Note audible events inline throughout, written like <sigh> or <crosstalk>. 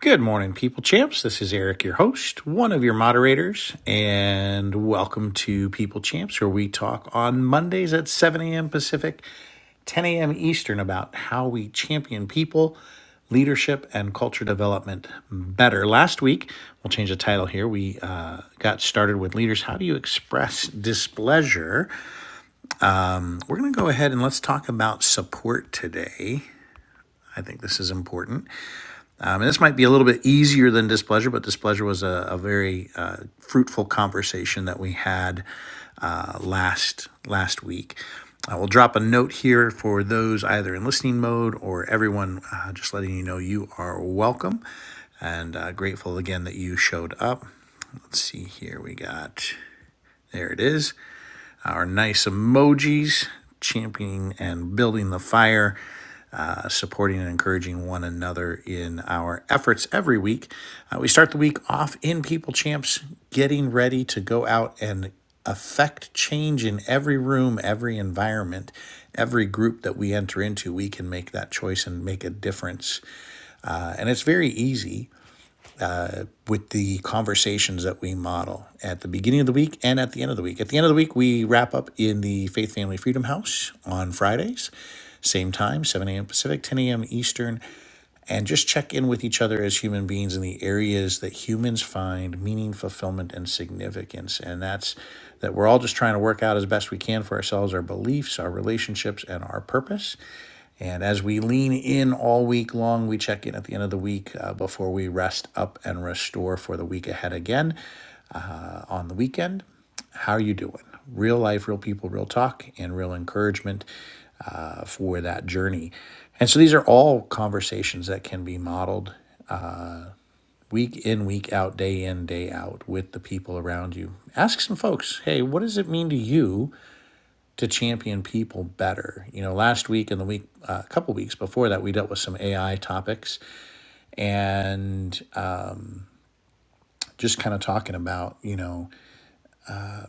Good morning, people champs. This is Eric, your host, one of your moderators, and welcome to People Champs, where we talk on Mondays at 7 a.m. Pacific, 10 a.m. Eastern about how we champion people, leadership, and culture development better. Last week, we'll change the title here. We uh, got started with leaders. How do you express displeasure? We're going to go ahead and let's talk about support today. I think this is important. I mean, this might be a little bit easier than displeasure, but displeasure was a, a very uh, fruitful conversation that we had uh, last last week. I will drop a note here for those either in listening mode or everyone, uh, just letting you know you are welcome and uh, grateful again that you showed up. Let's see here, we got there it is, our nice emojis championing and building the fire supporting and encouraging one another in our efforts every week. Uh, we start the week off in People Champs, getting ready to go out and affect change in every room, every environment, every group that we enter into. We can make that choice and make a difference. Uh, and it's very easy with the conversations that we model at the beginning of the week and at the end of the week. At the end of the week, we wrap up in the Faith Family Freedom House on Fridays. Same time, 7 a.m. Pacific, 10 a.m. Eastern and just check in with each other as human beings in the areas that humans find meaning, fulfillment, and significance. And that's that we're all just trying to work out as best we can for ourselves our beliefs, our relationships, and our purpose. And as we lean in all week long, we check in at the end of the week uh, before we rest up and restore for the week ahead again on the weekend. How are you doing? Real life, real people, real talk, and real encouragement uh, for that journey. And so these are all conversations that can be modeled week in, week out, day in, day out with the people around you. Ask some folks, hey, what does it mean to you to champion people better? You know, last week and the week, uh, a couple weeks before that, we dealt with some AI topics and uh, just kind of talking about, you know,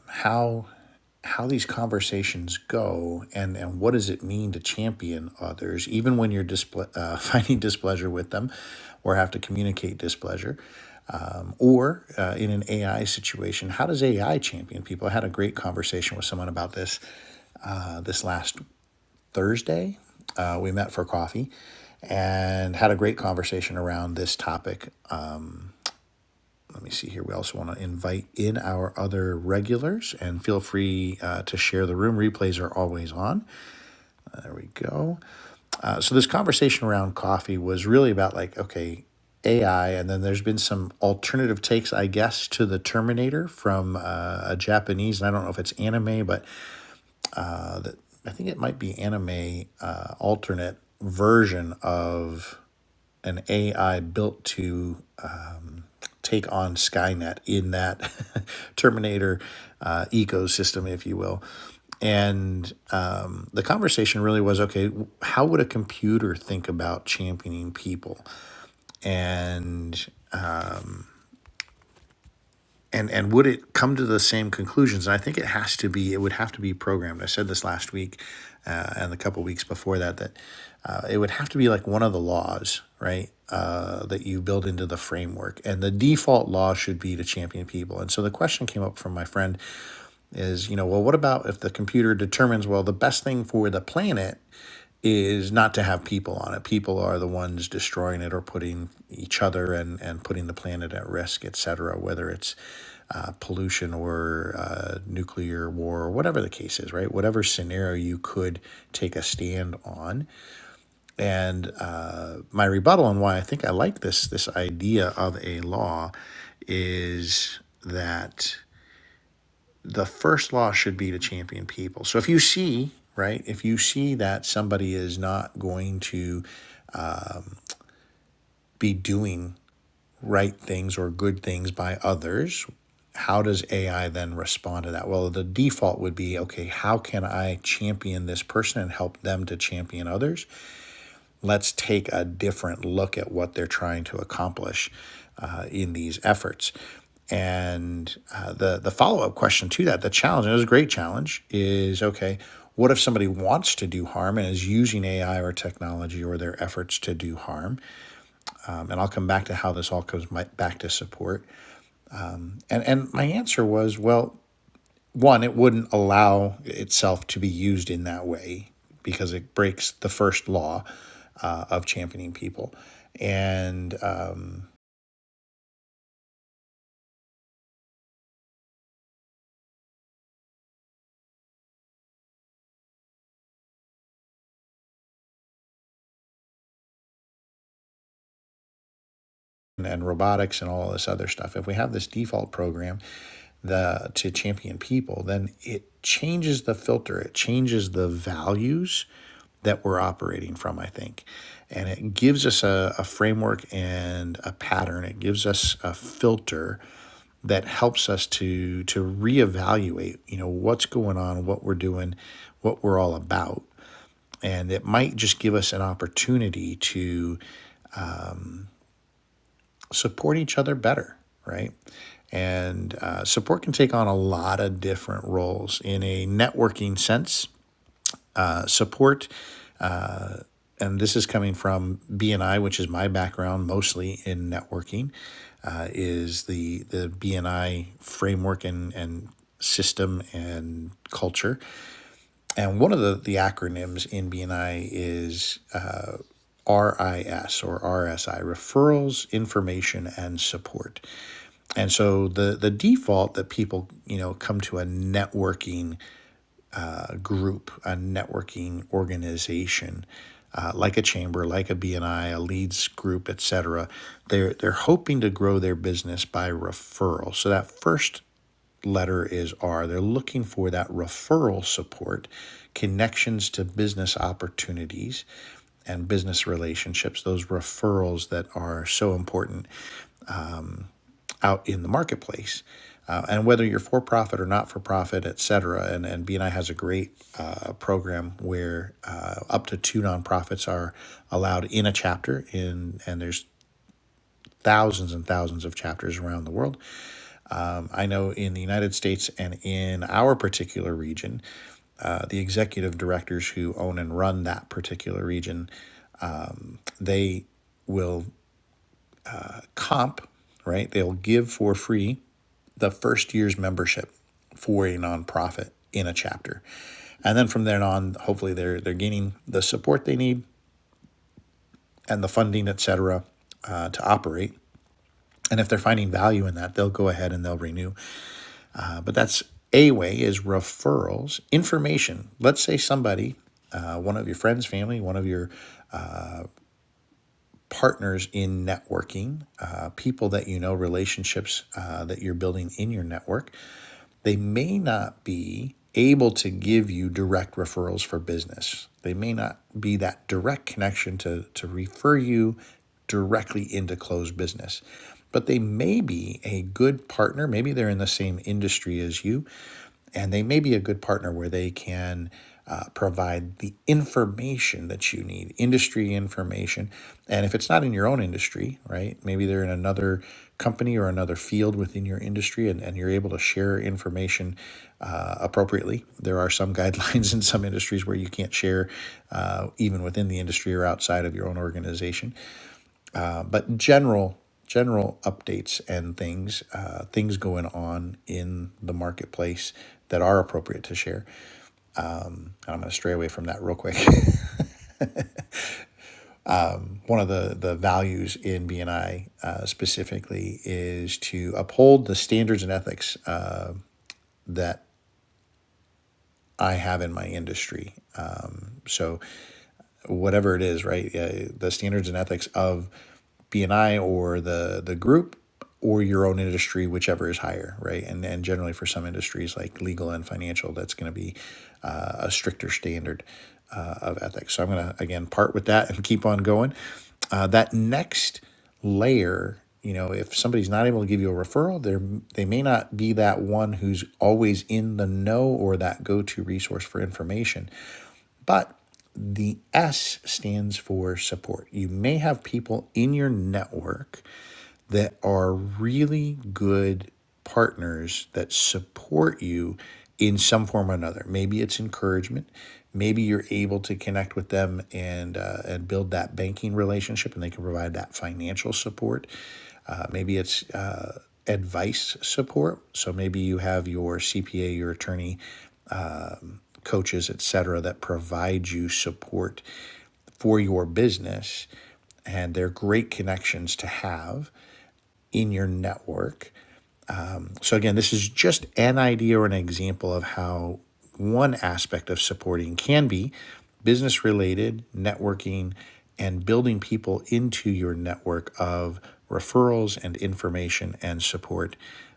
how how these conversations go and and what does it mean to champion others even when you're disple- uh, <laughs> finding displeasure with them or have to communicate displeasure or uh, in an AI situation, how does AI champion people? I had a great conversation with someone about this uh, this last Thursday. Uh, we met for coffee and had a great conversation around this topic. Let me see here. We also want to invite in our other regulars and feel free uh, to share the room. Replays are always on. Here we go. so this conversation around coffee was really about like okay ai and then there's been some alternative takes i guess to the terminator from uh, a japanese and i don't know if it's anime but i think it might be anime uh, alternate version of an ai built to uh, take on Skynet in that <laughs> Terminator uh, ecosystem, if you will. And um, the conversation really was okay, how would a computer think about championing people? And and and would it come to the same conclusions and i think it has to be it would have to be programmed i said this last week uh, and a couple of weeks before that that uh, it would have to be like one of the laws right uh, that you build into the framework and the default law should be to champion people and so the question came up from my friend is you know well what about if the computer determines well the best thing for the planet is not to have people on it. People are the ones destroying it or putting each other and, and putting the planet at risk, et cetera, whether it's uh, pollution or uh, nuclear war or whatever the case is, right? Whatever scenario you could take a stand on. And uh, my rebuttal on why I think I like this this idea of a law is that the first law should be to champion people. So if you see, right, if you see that somebody is not going to be doing right things or good things by others, how does AI then respond to that? Well, the default would be okay, how can I champion this person and help them to champion others? Let's take a different look at what they're trying to accomplish uh, in these efforts. And uh, the, the follow up question to that, the challenge, and it was a great challenge, is okay, what if somebody wants to do harm and is using AI or technology or their efforts to do harm? Um, and I'll come back to how this all comes back to support. And and my answer was, well, one, it wouldn't allow itself to be used in that way because it breaks the first law uh, of championing people, and um, and, robotics and all this other stuff. If we have this default program the to champion people, then it changes the filter. It changes the values that we're operating from, I think. And it gives us a, a framework and a pattern. It gives us a filter that helps us to to reevaluate, you know, what's going on, what we're doing, what we're all about. And it might just give us an opportunity to support each other better, right? And uh, support can take on a lot of different roles in a networking sense. Uh, support, and this is coming from BNI, which is my background mostly in networking, uh, is the the BNI framework and and system and culture. And one of the, the acronyms in BNI is RIS or RSI, referrals, information, and support. And so the the default that people you know come to a networking uh, group, a networking organization, uh, like a chamber, like a BNI, a leads group, et cetera, they're they're hoping to grow their business by referral. So that first letter is R. They're looking for that referral support, connections to business opportunities, and business relationships, those referrals that are so important out in the marketplace. Uh, and whether you're for profit or not for profit, et cetera, and, and BNI has a great uh, program where uh, up to two nonprofits are allowed in a chapter, in, and there's thousands and thousands of chapters around the world. I know in the United States and in our particular region, uh, the executive directors who own and run that particular region, they will comp, right? They'll give for free the first year's membership for a nonprofit in a chapter. And then from then on, hopefully they're they're gaining the support they need and the funding, et cetera, uh, to operate. And if they're finding value in that, they'll go ahead and they'll renew. Uh, but that's a way is referrals, information. Let's say somebody, uh, one of your friends, family, one of your partners in networking, uh, people that you know, relationships uh, that you're building in your network they may not be able to give you direct referrals for business. They may not be that direct connection to, to refer you directly into closed business, but they may be a good partner. Maybe they're in the same industry as you and they may be a good partner where they can uh, provide the information that you need, industry information. And if it's not in your own industry, right, maybe they're in another company or another field within your industry and, and you're able to share information uh, appropriately. There are some guidelines <laughs> in some industries where you can't share uh, even within the industry or outside of your own organization but general general updates and things uh, things going on in the marketplace that are appropriate to share. I'm going to stray away from that real quick. <laughs> One of the the values in BNI uh, specifically is to uphold the standards and ethics uh, that I have in my industry. Um, So whatever it is, right? Uh, the standards and ethics of BNI or the the group or your own industry, whichever is higher, right? And and generally for some industries like legal and financial, that's going to be uh, a stricter standard uh, of ethics. So I'm going to again part with that and keep on going. Uh, that next layer, you know, if somebody's not able to give you a referral, they they may not be that one who's always in the know or that go to resource for information but the S stands for support. You may have people in your network that are really good partners that support you in some form or another. Maybe it's encouragement. Maybe you're able to connect with them and uh, and build that banking relationship, and they can provide that financial support. Uh, maybe it's uh, advice support. So maybe you have your CPA, your attorney coaches, et cetera, that provide you support for your business. And they're great connections to have in your network so, again, this is just an idea or an example of how one aspect of supporting can be business related, networking, and building people into your network of referrals and information and support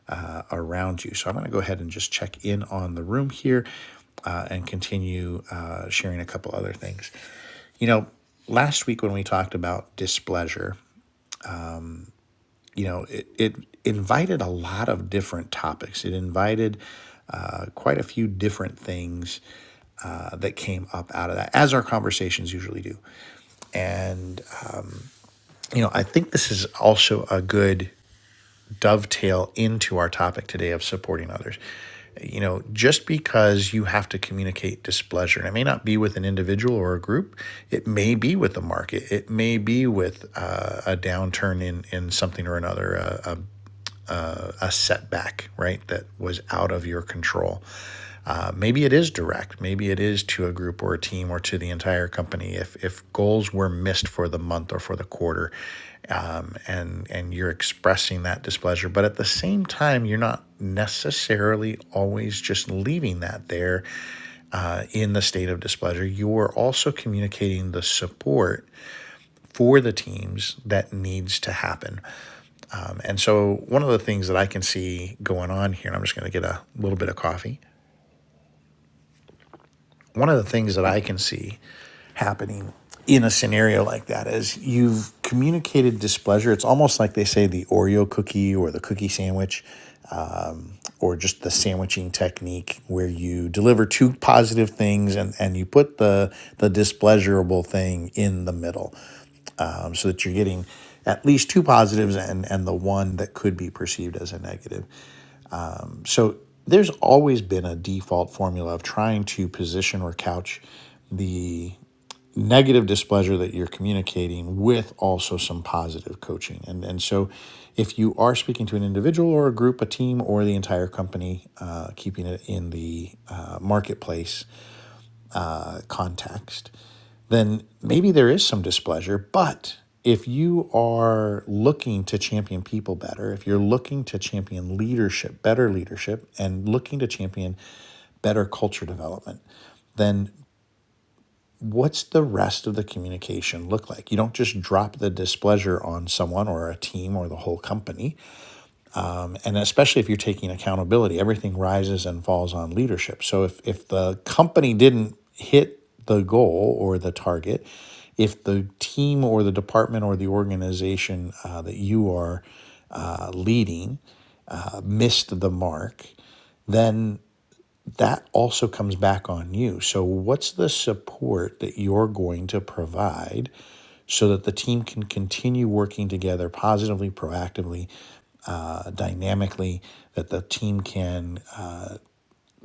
uh, around you. So, I'm going to go ahead and just check in on the room here uh, and continue uh, sharing a couple other things. You know, last week when we talked about displeasure, you know, it, it invited a lot of different topics. It invited uh, quite a few different things uh, that came up out of that, as our conversations usually do. And, you know, I think this is also a good dovetail into our topic today of supporting others. You know, just because you have to communicate displeasure, and it may not be with an individual or a group, it may be with the market, it may be with uh, a downturn in in something or another, uh, a setback, right? That was out of your control. Uh, maybe it is direct. Maybe it is to a group or a team or to the entire company. If if goals were missed for the month or for the quarter, um, and and you're expressing that displeasure, but at the same time, you're not necessarily always just leaving that there in the state of displeasure. You are also communicating the support for the teams that needs to happen. Um, and so, one of the things that I can see going on here, and I'm just going to get a little bit of coffee, One of the things that I can see happening in a scenario like that is you've communicated displeasure. It's almost like they say the Oreo cookie or the cookie sandwich or just the sandwiching technique where you deliver two positive things and, and you put the, the displeasurable thing in the middle um, so that you're getting at least two positives and, and the one that could be perceived as a negative. So there's always been a default formula of trying to position or couch the negative displeasure that you're communicating with also some positive coaching. And, and so, if you are speaking to an individual or a group, a team, or the entire company, uh, keeping it in the uh, marketplace uh, context, then maybe there is some displeasure. But if you are looking to champion people better, if you're looking to champion leadership, better leadership, and looking to champion better culture development, then what's the rest of the communication look like? You don't just drop the displeasure on someone or a team or the whole company. And especially if you're taking accountability, everything rises and falls on leadership. So if, if the company didn't hit the goal or the target, if the team or the department or the organization uh, that you are uh, leading missed the mark, then that also comes back on you. So, what's the support that you're going to provide so that the team can continue working together positively, proactively, uh, dynamically, that the team can uh,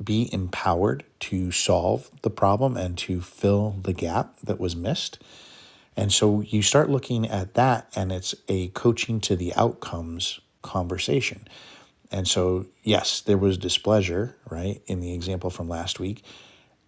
be empowered to solve the problem and to fill the gap that was missed? And so, you start looking at that, and it's a coaching to the outcomes conversation. And so, yes, there was displeasure, right, in the example from last week.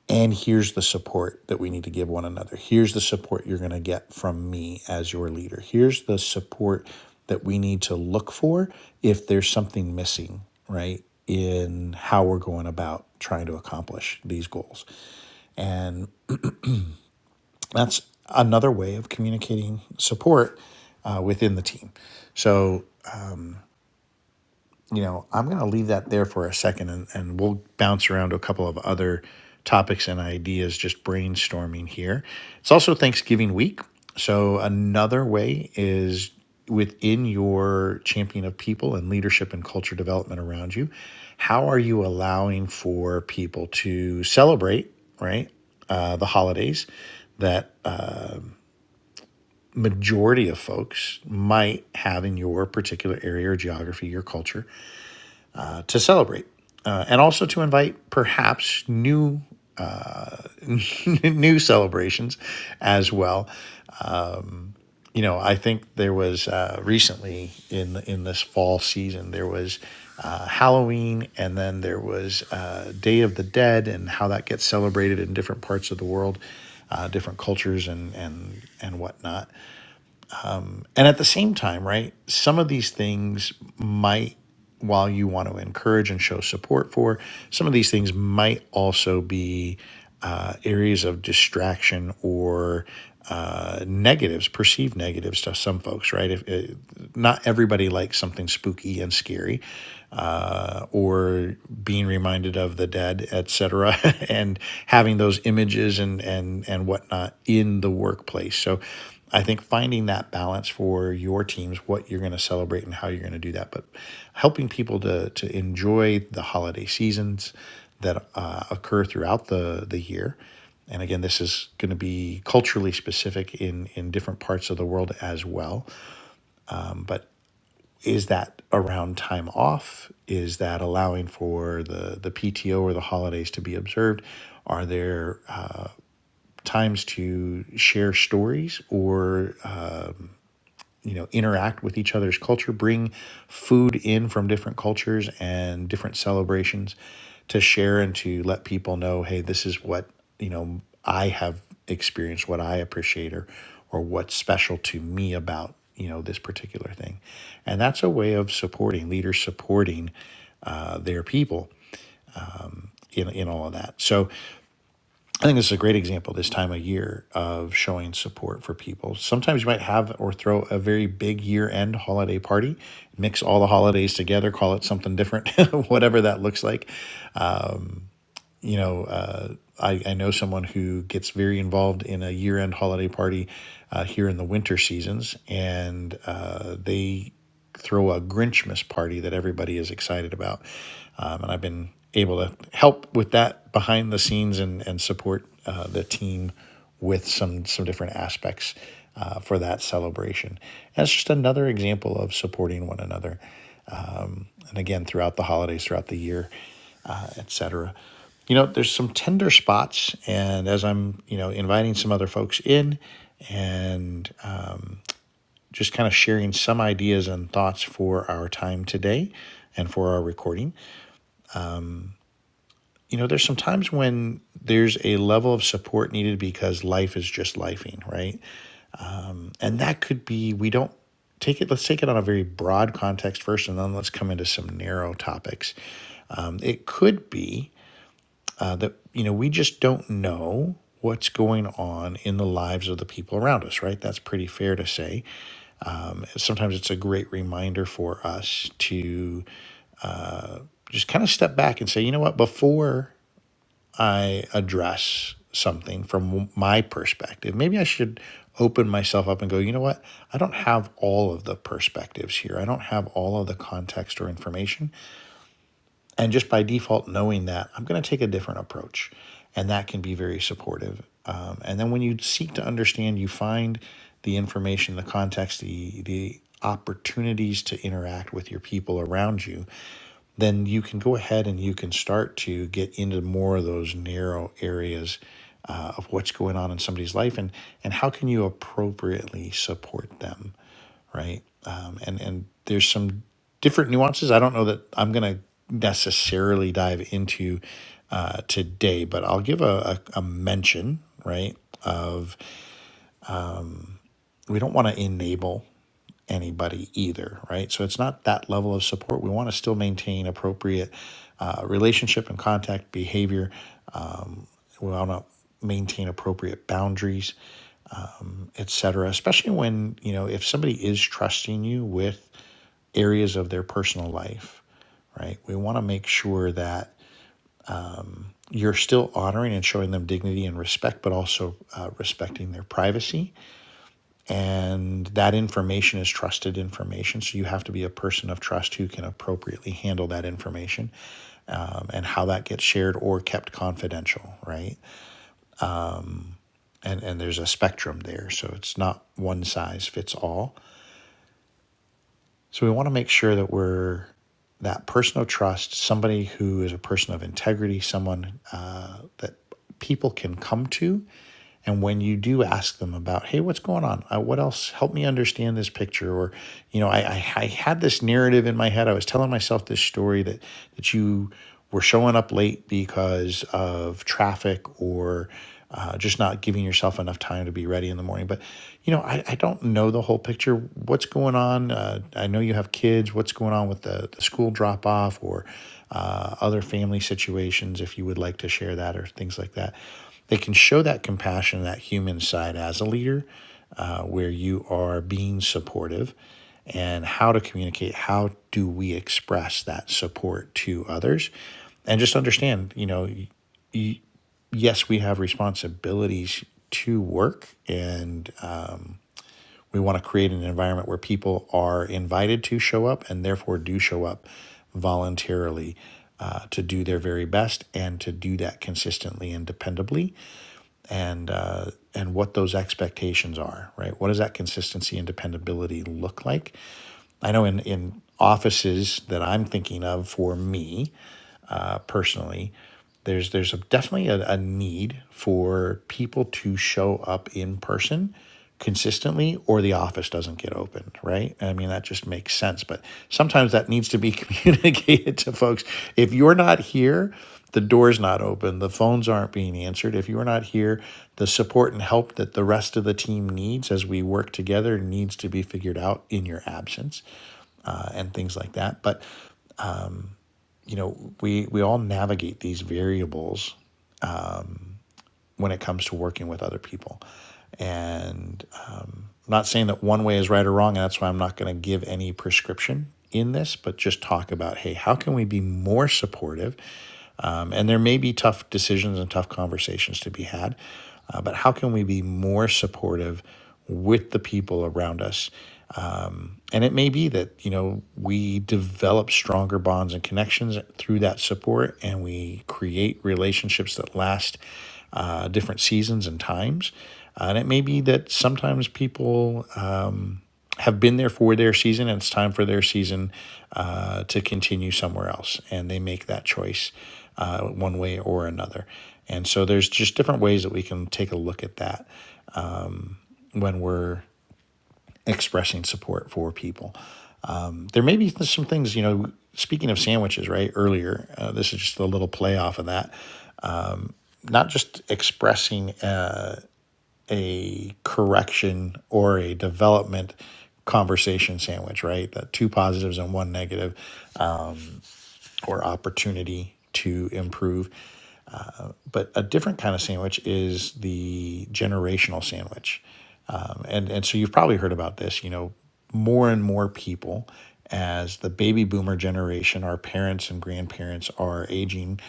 And here's the support that we need to give one another. Here's the support you're going to get from me as your leader. Here's the support that we need to look for if there's something missing, right, in how we're going about trying to accomplish these goals. And that's another way of communicating support uh, within the team. So you know, I'm going to leave that there for a second and, and we'll bounce around to a couple of other topics and ideas just brainstorming here. It's also Thanksgiving week. So, another way is within your champion of people and leadership and culture development around you. How are you allowing for people to celebrate, right? Uh, the holidays that a majority of folks might have in your particular area or geography, your culture to celebrate. Uh, and also to invite perhaps new <laughs> new celebrations as well. You know, I think there was uh, recently in in this fall season there was uh, Halloween, and then there was uh, Day of the Dead, and how that gets celebrated in different parts of the world, uh, different cultures, and and and whatnot. and at the same time, right, some of these things might, while you want to encourage and show support for, some of these things might also be uh, areas of distraction or uh, negatives, perceived negatives to some folks, right? If, uh, not everybody likes something spooky and scary, uh, or being reminded of the dead, et cetera, <laughs> and having those images and and and whatnot in the workplace. So, I think finding that balance for your teams, what you're going to celebrate and how you're going to do that, but helping people to to enjoy the holiday seasons that uh, occur throughout the the year. And again, this is going to be culturally specific in in different parts of the world as well. But is that around time off? Is that allowing for the, the PTO or the holidays to be observed? Are there uh, times to share stories, or you know interact with each other's culture bring food in from different cultures and different celebrations to share and to let people know hey this is what you know i have experienced what i appreciate or or what's special to me about you know this particular thing and that's a way of supporting leaders supporting uh, their people in, in all of that so I think this is a great example this time of year of showing support for people. Sometimes you might have or throw a very big year end holiday party, mix all the holidays together, call it something different, <laughs> whatever that looks like. You know, uh, I, I know someone who gets very involved in a year end holiday party uh, here in the winter seasons, and uh, they throw a Grinchmas party that everybody is excited about um, and I've been able to help with that behind the scenes and and support uh, the team with some some different aspects uh, for that celebration. That's just another example of supporting one another, and again throughout the holidays, throughout the year, etc. You know, there's some tender spots, and as I'm you know inviting some other folks in. And uh, just kind of sharing some ideas and thoughts for our time today and for our recording. you know, there's some times when there's a level of support needed because life is just lifing, right? And that could be we don't take it. Let's take it on a very broad context first, and then let's come into some narrow topics. Um, it could be uh, that you know we just don't know what's going on in the lives of the people around us, right? That's pretty fair to say. Sometimes it's a great reminder for us to just kind of step back and say, you know what, before. I address something from my perspective, maybe I should open myself up and go, you know what? I don't have all of the perspectives here. I don't have all of the context or information. And just by default, knowing that, I'm going to take a different approach. And that can be very supportive. Um, and then when you seek to understand, you find the information, the context, the, the opportunities to interact with your people around you, then you can go ahead and you can start to get into more of those narrow areas uh, of what's going on in somebody's life and, and how can you appropriately support them right? Um, and and there's some different nuances. I don't know that I'm going to necessarily dive into uh, today, but I'll give a, a, a mention, right? Of we don't want to enable anybody either, right? So it's not that level of support. We want to still maintain appropriate uh, relationship and contact behavior. We want to maintain appropriate boundaries, etc. Especially when you know if somebody is trusting you with areas of their personal life right? We want to make sure that you're still honoring and showing them dignity and respect, but also uh, respecting their privacy. And that information is trusted information. So you have to be a person of trust who can appropriately handle that information um, and how that gets shared or kept confidential, right? And, and there's a spectrum there. So it's not one size fits all. So we want to make sure that we're that person of trust, somebody who is a person of integrity, someone uh, that people can come to And when you do ask them about, hey, what's going on? Uh, what else? Help me understand this picture. Or, you know, I, I, I had this narrative in my head. I was telling myself this story that that you were showing up late because of traffic or uh, just not giving yourself enough time to be ready in the morning. But, you know, I, I don't know the whole picture. What's going on? Uh, I know you have kids. What's going on with the, the school drop off or uh, other family situations, if you would like to share that or things like that they can show that compassion, that human side as a leader, uh, where you are being supportive and how to communicate, how do we express that support to others? And just understand, you know, yes, we have responsibilities to work and uh, we want to create an environment where people are invited to show up and therefore do show up voluntarily uh, to do their very best and to do that consistently and dependably and uh, and what those expectations are, right? What does that consistency and dependability look like? I know in in offices that I'm thinking of for me, personally there's there's a, definitely a, a need for people to show up in person consistently or the office doesn't get opened right i mean that just makes sense but sometimes that needs to be <laughs> communicated to folks if you're not here the door's not open the phones aren't being answered if you're not here the support and help that the rest of the team needs as we work together needs to be figured out in your absence uh, and things like that but you know, we we all navigate these variables when it comes to working with other people. And I'm not saying that one way is right or wrong, and that's why I'm not going to give any prescription in this, but just talk about, hey, how can we be more supportive? Um, and there may be tough decisions and tough conversations to be had, uh, but how can we be more supportive with the people around us And it may be that, you know, we develop stronger bonds and connections through that support and we create relationships that last uh, different seasons and times. Uh, and it may be that sometimes people uh, have been there for their season and it's time for their season uh, to continue somewhere else. And they make that choice uh, one way or another. And so there's just different ways that we can take a look at that when we're expressing support for people. there may be some things you know speaking of sandwiches right earlier uh, this is just a little play off of that not just expressing a, a correction or a development conversation sandwich right The two positives and one negative or opportunity to improve but a different kind of sandwich is the generational sandwich. Um, and, and so you've probably heard about this, you know, more and more people as the baby boomer generation, our parents and grandparents are aging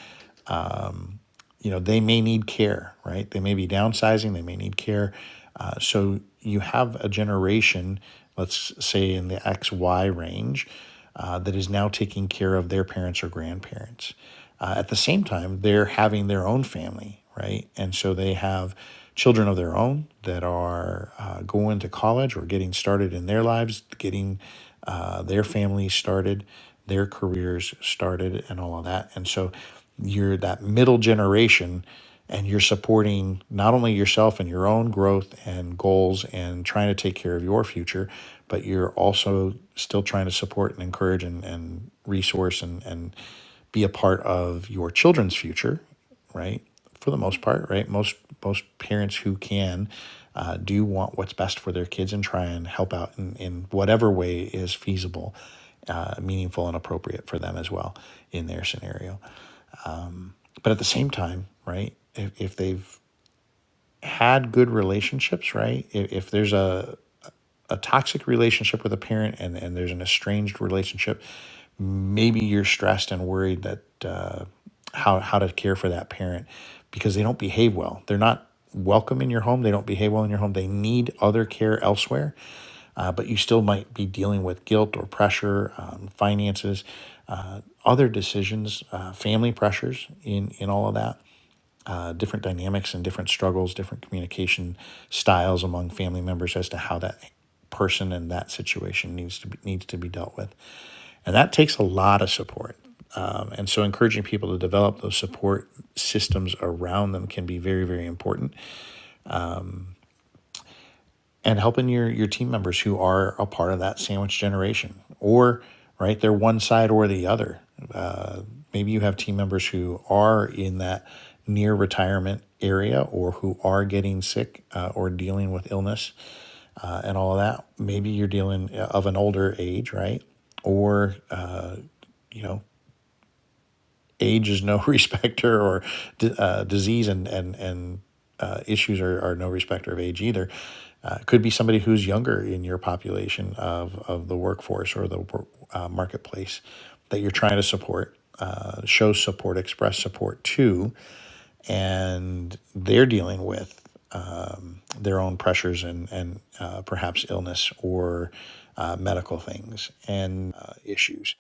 you know they may need care right they may be downsizing they may need care uh, so you have a generation let's say in the xy range uh, that is now taking care of their parents or grandparents uh, at the same time they're having their own family right and so they have children of their own that are uh, going to college or getting started in their lives getting uh, their families started their careers started and all of that and so you're that middle generation and you're supporting not only yourself and your own growth and goals and trying to take care of your future, but you're also still trying to support and encourage and, and resource and, and be a part of your children's future, right? For the most part, right? Most most parents who can uh, do want what's best for their kids and try and help out in, in whatever way is feasible, uh, meaningful, and appropriate for them as well in their scenario but at the same time, right? If, if they've had good relationships, right? If, if there's a, a toxic relationship with a parent and, and there's an estranged relationship, maybe you're stressed and worried that uh, how, how to care for that parent because they don't behave well. They're not welcome in your home. They don't behave well in your home. They need other care elsewhere, uh, but you still might be dealing with guilt or pressure, um, finances, other decisions, uh, family pressures in, in all of that uh, different dynamics and different struggles, different communication styles among family members as to how that person and that situation needs to be, needs to be dealt with, and that takes a lot of support. Um, and so, encouraging people to develop those support systems around them can be very, very important. And helping your your team members who are a part of that sandwich generation, or right, they're one side or the other maybe you have team members who are in that near retirement area or who are getting sick uh, or dealing with illness uh, and all of that maybe you're dealing uh, of an older age right or uh, you know age is no <laughs> respecter or uh, disease and and and uh, issues are, are no respecter of age either uh, could be somebody who's younger in your population of, of the workforce or the uh, marketplace that you're trying to support uh, show support express support to and they're dealing with um, their own pressures and and uh, perhaps illness or uh, medical things and uh, issues.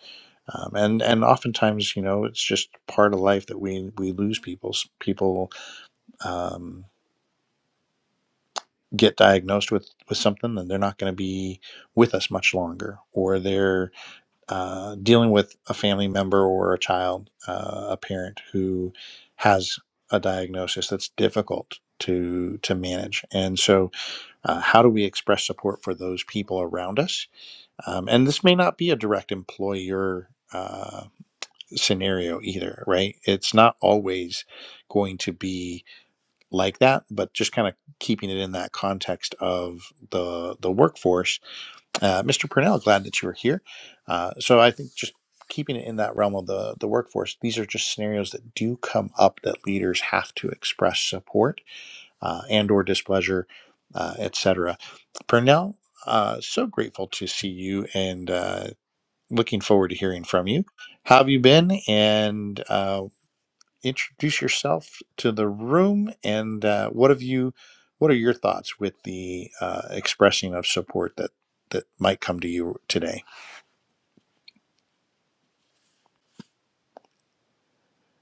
Um, and and oftentimes, you know, it's just part of life that we we lose people. People um, get diagnosed with with something, and they're not going to be with us much longer, or they're uh, dealing with a family member or a child, uh, a parent who has a diagnosis that's difficult to to manage. And so, uh, how do we express support for those people around us? Um, and this may not be a direct employer. Uh, scenario either right it's not always going to be like that but just kind of keeping it in that context of the the workforce uh, Mr. Purnell, glad that you were here. Uh, so I think just keeping it in that realm of the, the workforce, these are just scenarios that do come up that leaders have to express support uh, and or displeasure, uh, et cetera. Purnell, uh, so grateful to see you and uh, looking forward to hearing from you. How have you been? And uh, introduce yourself to the room and uh, what have you what are your thoughts with the uh, expressing of support that that might come to you today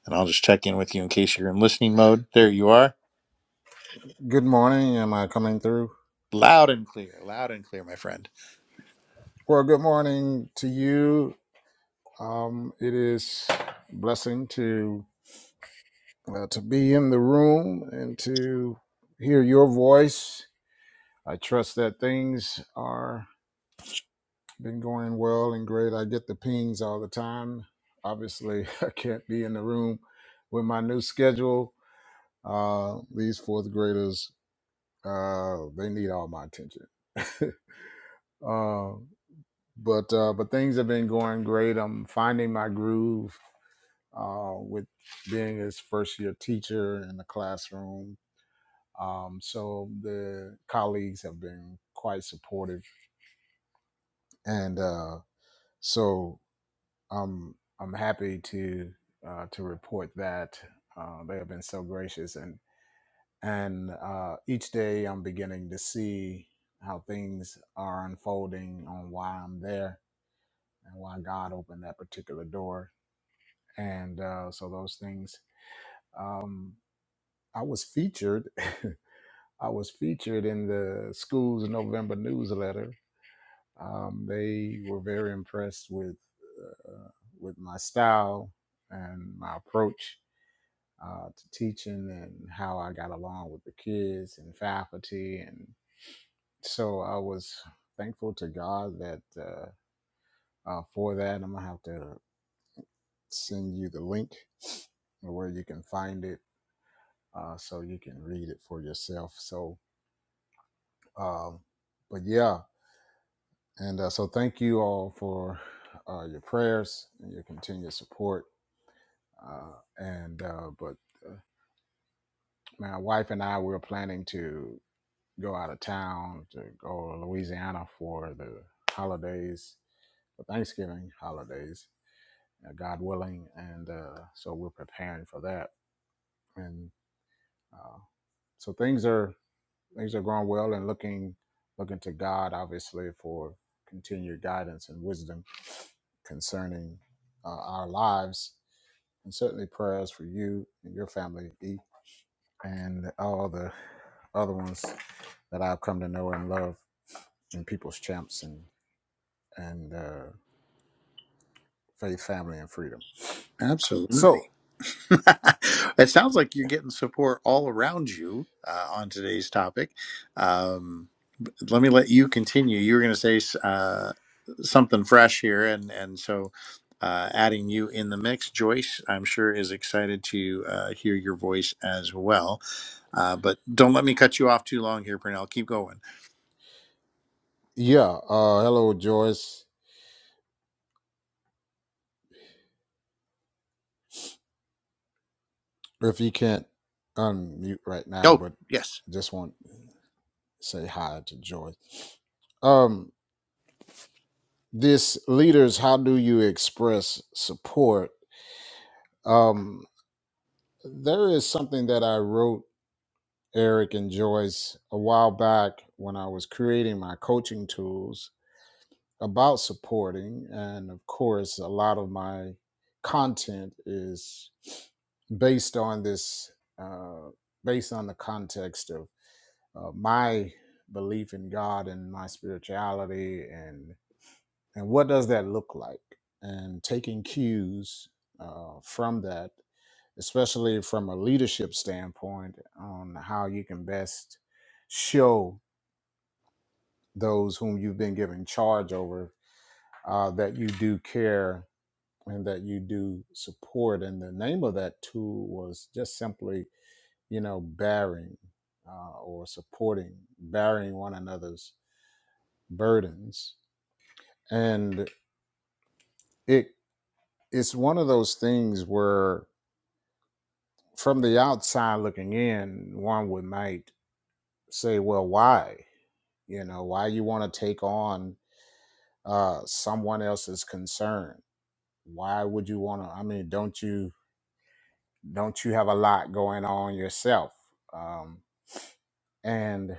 and i'll just check in with you in case you're in listening mode there you are Good morning. Am I coming through? loud and clear loud and clear my friend Well, good morning to you. Um, it is a blessing to uh, to be in the room and to hear your voice. I trust that things are been going well and great. I get the pings all the time. Obviously, <laughs> I can't be in the room with my new schedule. Uh, these fourth graders, uh, they need all my attention. <laughs> uh, but uh, but things have been going great. I'm finding my groove uh, with being his first year teacher in the classroom. Um, so the colleagues have been quite supportive, and uh, so I'm I'm happy to uh, to report that uh, they have been so gracious, and and uh, each day I'm beginning to see how things are unfolding on why I'm there and why God opened that particular door and uh, so those things. Um, I was featured. <laughs> I was featured in the school's November newsletter. Um, they were very impressed with uh, with my style and my approach uh, to teaching and how I got along with the kids and faculty. And so I was thankful to God that uh, uh, for that. I'm gonna have to send you the link where you can find it uh, so you can read it for yourself. So, um, but yeah, and uh, so thank you all for uh, your prayers and your continued support. Uh, and uh, but uh, my wife and I we were planning to go out of town to go to Louisiana for the holidays, for Thanksgiving holidays, uh, God willing, and uh, so we're preparing for that. And uh, so things are things are going well and looking looking to God obviously for continued guidance and wisdom concerning uh, our lives and certainly prayers for you and your family E, and all the other ones that I've come to know and love in People's Champs and and uh, Faith Family and Freedom. absolutely So <laughs> it sounds like you're getting support all around you uh, on today's topic. Um, but let me let you continue. You were going to say s- uh, something fresh here, and and so uh, adding you in the mix, Joyce, I'm sure is excited to uh, hear your voice as well. Uh, but don't let me cut you off too long here, Purnell. Keep going. yeah, uh, hello Joyce. If you can't unmute right now, Oh, but yes, just want to say hi to Joyce. Um, this leaders how do you express support um there is something that i wrote eric and joyce a while back when i was creating my coaching tools about supporting and of course a lot of my content is based on this uh, based on the context of uh, my belief in god and my spirituality and. and what does that look like and taking cues uh, from that especially from a leadership standpoint on how you can best show those whom you've been giving charge over uh, that you do care and that you do support and the name of that tool was just simply you know bearing uh, or supporting bearing one another's burdens and it it's one of those things where from the outside looking in, one would might say, well, why? You know, why you want to take on uh, someone else's concern? Why would you want to? I mean, don't you don't you have a lot going on yourself? Um, and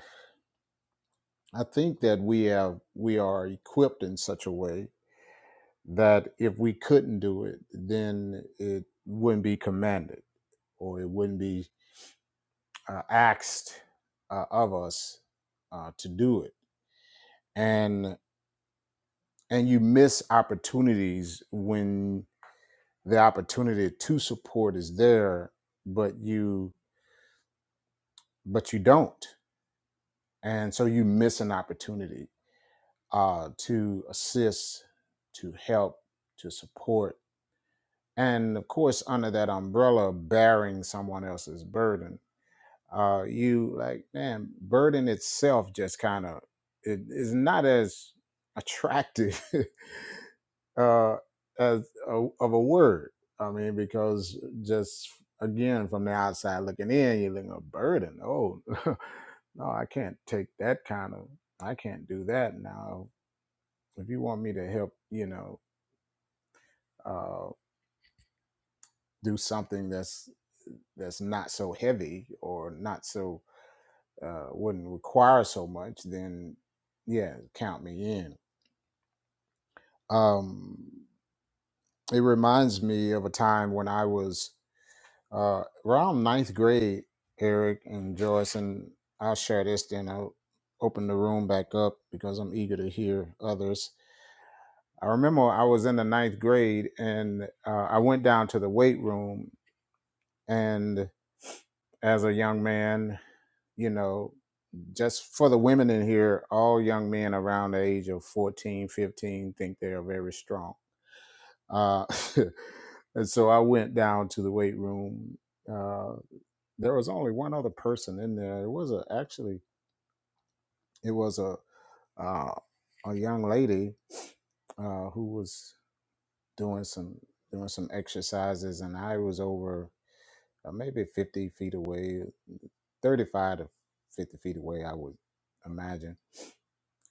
I think that we have we are equipped in such a way that if we couldn't do it, then it wouldn't be commanded or it wouldn't be uh, asked uh, of us uh, to do it and and you miss opportunities when the opportunity to support is there but you but you don't and so you miss an opportunity uh, to assist to help to support and of course under that umbrella bearing someone else's burden uh, you like man burden itself just kind of it is not as attractive <laughs> uh, as a, of a word. I mean, because just again from the outside looking in, you're looking a burden. Oh <laughs> no, I can't take that kind of. I can't do that now. If you want me to help, you know, uh, do something that's that's not so heavy or not so uh, wouldn't require so much, then yeah, count me in. Um, it reminds me of a time when I was Uh, around ninth grade, Eric and Joyce, and I'll share this, then I'll open the room back up because I'm eager to hear others. I remember I was in the ninth grade and uh, I went down to the weight room. And as a young man, you know, just for the women in here, all young men around the age of 14, 15 think they are very strong. Uh, <laughs> and so I went down to the weight room uh, there was only one other person in there. It was a actually it was a uh, a young lady uh, who was doing some doing some exercises, and I was over uh, maybe fifty feet away, thirty five to fifty feet away, I would imagine.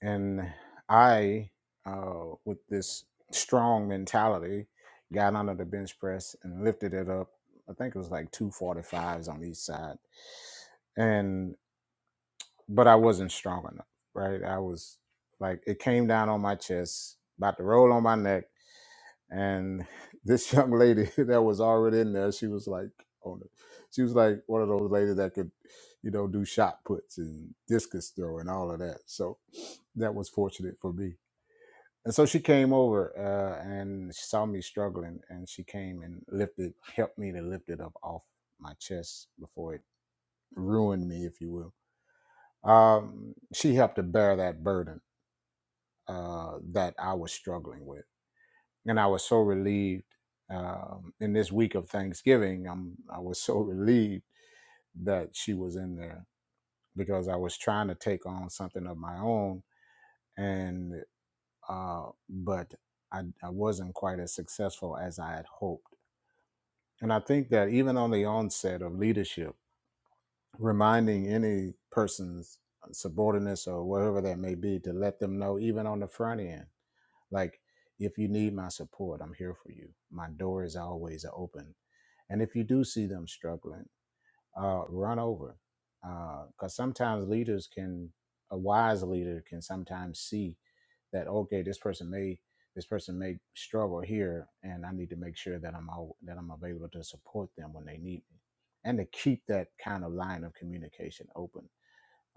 And I, uh, with this strong mentality, got under the bench press and lifted it up. I think it was like two forty fives on each side, and. but I wasn't strong enough, right? I was like, it came down on my chest, about to roll on my neck. And <laughs> this young lady <laughs> that was already in there, she was like, on it. She was like one of those ladies that could, you know, do shot puts and discus throw and all of that. So <sniffs> that was fortunate for me. And so she came over uh, and she saw me struggling and she came and lifted, helped me to lift it up off my chest before it ruined me, if you will um, she helped to bear that burden uh, that I was struggling with, and I was so relieved. Um, in this week of Thanksgiving, I'm, I was so <laughs> relieved that she was in there because I was trying to take on something of my own, and uh, but I, I wasn't quite as successful as I had hoped. And I think that even on the onset of leadership, reminding any person's subordinates or whatever that may be to let them know, even on the front end Like, if you need my support, I'm here for you. My door is always open. And if you do see them struggling, uh, run over. Because sometimes leaders can, a wise leader can sometimes see that, okay, this person may, this person may struggle here, and I need to make sure that I'm out, that I'm available to support them when they need me, and to keep that kind of line of communication open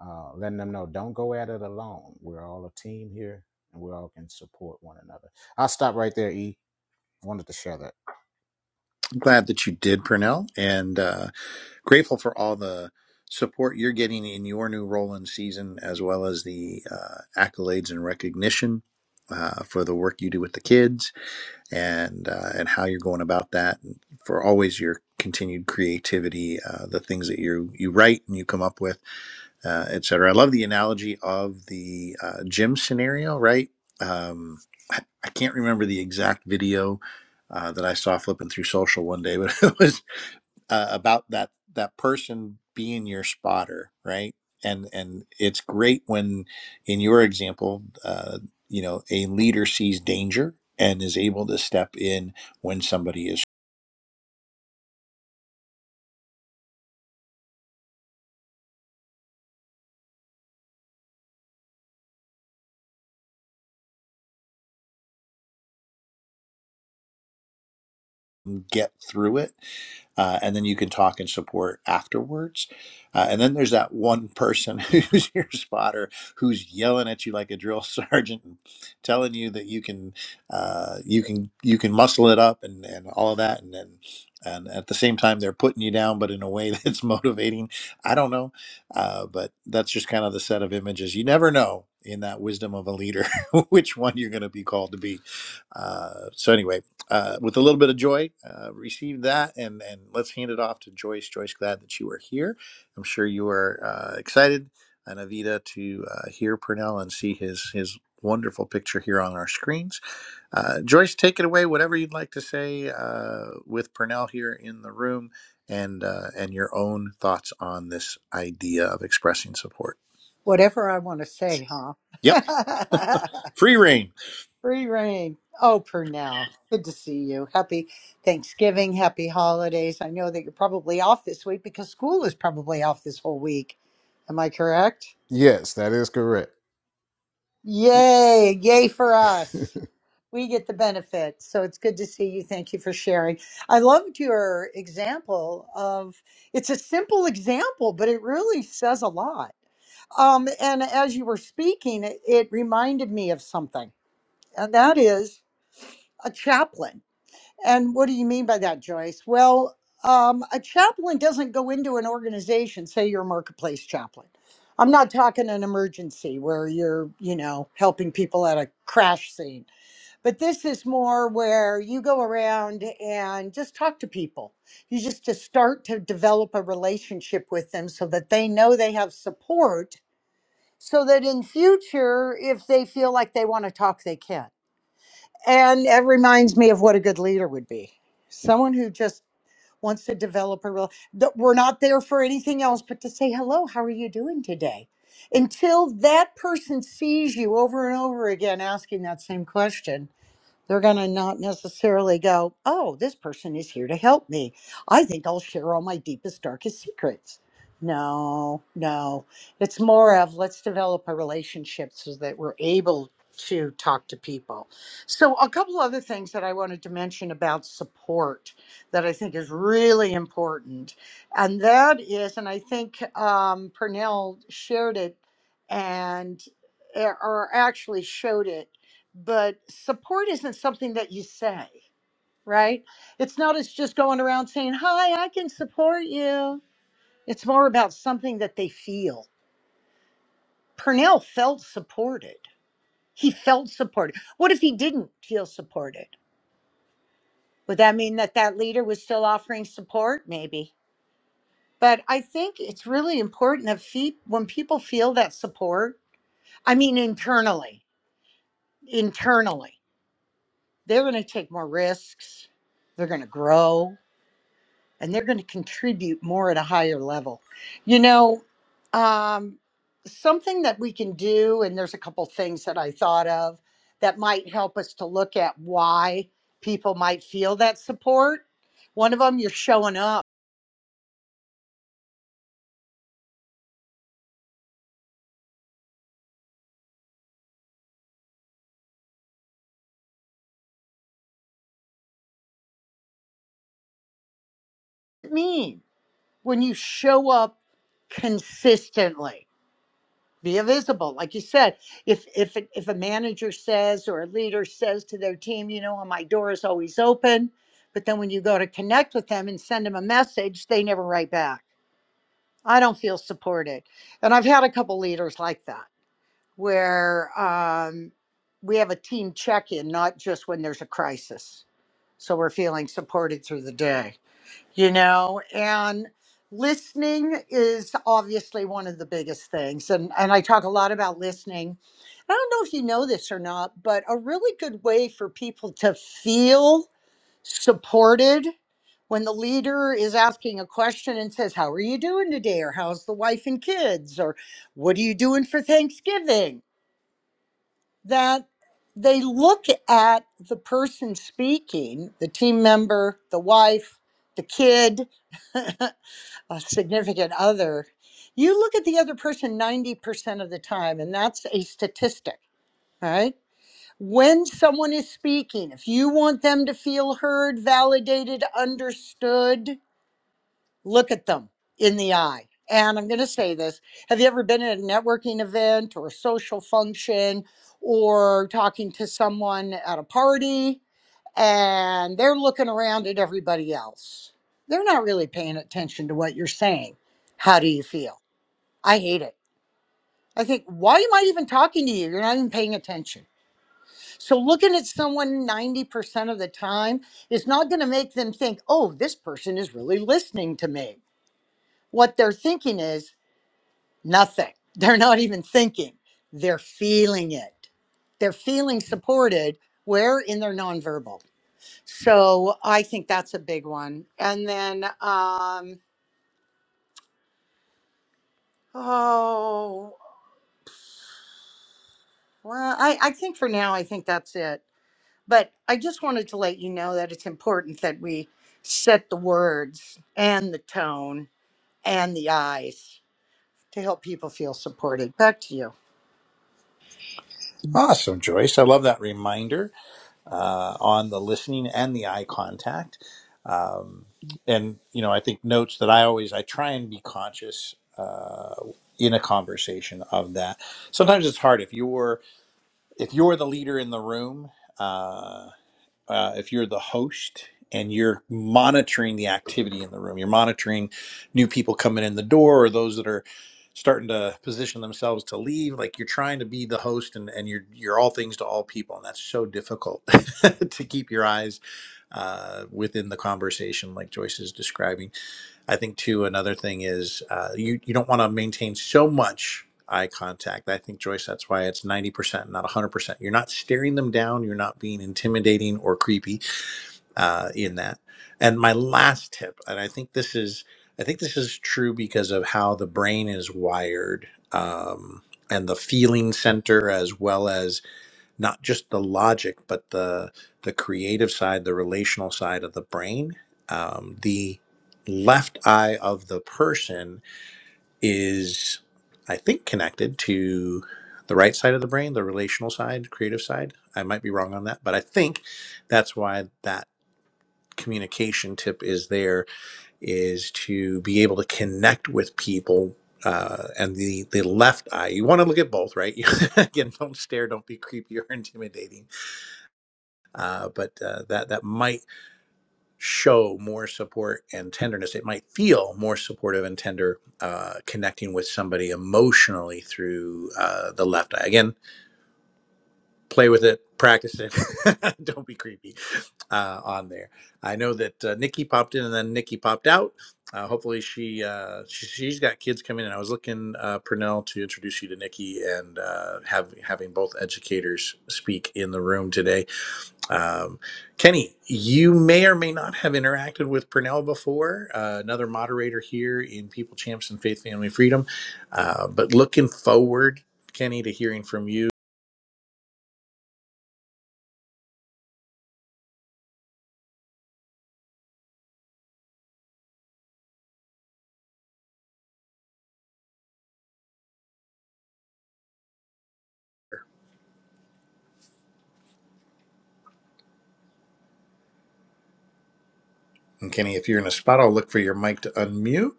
uh, letting them know don't go at it alone. We're all a team here, and we all can support one another. I'll stop right there. E wanted to share that. I'm glad that you did, Purnell, and. uh, grateful for all the support you're getting in your new role in season, as well as the uh, accolades and recognition uh, for the work you do with the kids and uh, and how you're going about that. And for always your continued creativity, uh, the things that you you write and you come up with, uh, et cetera. I love the analogy of the uh, gym scenario, right? Um, I, I can't remember the exact video. Uh, that I saw flipping through social one day, but <laughs> it was uh, about that that person being your spotter right and and it's great when in your example uh, you know a leader sees danger and is able to step in when somebody is get through it uh, and then you can talk and support afterwards. Uh, and then there's that one person <laughs> who's your spotter who's yelling at you like a drill <laughs> sergeant, and telling you that you can, uh, you can, you can muscle it up and and all of that, and then. And at the same time, they're putting you down, but in a way <laughs> that's motivating. I don't know, uh, but that's just kind of the set of images. You never know in that wisdom of a leader <laughs> which one you're going to be called to be. Uh, so anyway, uh, with a little bit of joy, uh, receive that, and and let's hand it off to Joyce. Joyce, glad that you are here. I'm sure you are uh, excited, and Avita to uh, hear Purnell and see his his wonderful picture here on our screens. Uh, Joyce, take it away. Whatever you'd like to say uh, with Purnell here in the room, and uh, and your own thoughts on this idea of expressing support. Whatever I want to say, huh? Yep, <laughs> free reign. Free reign. Oh, Purnell, good to see you. Happy Thanksgiving. Happy holidays. I know that you're probably off this week because school is probably off this whole week. Am I correct? Yes, that is correct. <laughs> Yay. Yay for us. we get the benefit. So it's good to see you. Thank you for sharing. I loved your example of it's a simple example, but it really says a lot. Um, and as you were speaking, it, it reminded me of something, and that is a chaplain. And what do you mean by that, Joyce? Well, um, a chaplain doesn't go into an organization, say you're a marketplace chaplain. I'm not talking an emergency where you're, you know, helping people at a crash scene but this is more where you go around and just talk to people. You just to start to develop a relationship with them so that they know they have support so that in future if they feel like they want to talk they can. And it reminds me of what a good leader would be. Someone who just wants to develop a real that we're not there for anything else but to say hello, how are you doing today? Until that person sees you over and over again asking that same question they're going to not necessarily go, oh, this person is here to help me. I think I'll share all my deepest, darkest secrets. No, no. It's more of let's develop a relationship so that we're able to talk to people. So, a couple other things that I wanted to mention about support that I think is really important. And that is, and I think um, Purnell shared it and eh, or actually showed it but support isn't something that you say, right? It's not as just going around saying, Hi, I can support you. It's more about something that they feel. Purnell felt supported. He felt supported. What if he didn't feel supported? Would that mean that that leader was still offering support? Maybe. But I think it's really important that fe- when people feel that support, I mean, internally, internally, they're going to take more risks. They're going to grow and they're going to contribute more at a higher level. You know, um, something that we can do, and there's a couple things that I thought of that might help us to look at why people might feel that support. One of them, you're showing up. What does it mean when you show up consistently? be visible like you said if if if a manager says or a leader says to their team you know my door is always open but then when you go to connect with them and send them a message they never write back i don't feel supported and i've had a couple leaders like that where um, we have a team check-in not just when there's a crisis so we're feeling supported through the day you know and listening is obviously one of the biggest things and and I talk a lot about listening I don't know if you know this or not but a really good way for people to feel supported when the leader is asking a question and says how are you doing today or how's the wife and kids or what are you doing for Thanksgiving that they look at the person speaking, the team member, the wife, the kid, <laughs> a significant other. You look at the other person 90% of the time, and that's a statistic, right? When someone is speaking, if you want them to feel heard, validated, understood, look at them in the eye. And I'm going to say this Have you ever been at a networking event or a social function or talking to someone at a party and they're looking around at everybody else? They're not really paying attention to what you're saying. How do you feel? I hate it. I think, why am I even talking to you? You're not even paying attention. So, looking at someone 90% of the time is not going to make them think, oh, this person is really listening to me what they're thinking is nothing. <laughs> They're not even thinking, they're feeling it. They're feeling supported where in their nonverbal. So I think that's a big one. And then, um, oh, well, I, I think for now, I think that's it. But I just wanted to let you know that it's important that we set the words and the tone and the eyes to help people feel supported. Back to you. Awesome, Joyce. I love that reminder. uh, on the listening and the eye contact um, and you know i think notes that i always i try and be conscious uh, in a conversation of that sometimes it's hard if you're if you're the leader in the room uh, uh, if you're the host and you're monitoring the activity in the room, you're monitoring new people coming in the door or those that are starting to position themselves to leave. Like you're trying to be the host and, and you're you're all things to all people, and that's so difficult <laughs> to keep your eyes uh, within the conversation, like Joyce is describing. I think too another thing is uh, you you don't want to maintain so much eye contact. I think Joyce, that's why it's ninety percent, not hundred percent. You're not staring them down. You're not being intimidating or creepy uh, in that. And my last tip, and I think this is I think this is true because of how the brain is wired um, and the feeling center as well as not just the logic, but the the creative side, the relational side of the brain. Um, the left eye of the person is, I think, connected to the right side of the brain, the relational side, creative side. I might be wrong on that, but I think that's why that communication tip is there is to be able to connect with people uh, and the the left eye. You want to look at both, right? <laughs> Again, don't stare, don't be creepy or <laughs> intimidating uh, but uh, that that might show more support and tenderness. It might feel more supportive and tender, uh, connecting with somebody emotionally through uh, the left eye. Again, play with it, practice it. <laughs> Don't be creepy uh, on there. I know that uh, Nikki popped in and then Nikki popped out. Uh, hopefully she, uh, she she's got kids coming in. I was looking uh, Purnell to introduce you to Nikki and uh, have having both educators speak in the room today um, Kenny, you may or may not have interacted with Purnell before, uh, another moderator here in People, Champs, and Faith, Family, Freedom. Uh, but looking forward, Kenny, to hearing from you. And Kenny, if you're in a spot, I'll look for your mic to unmute.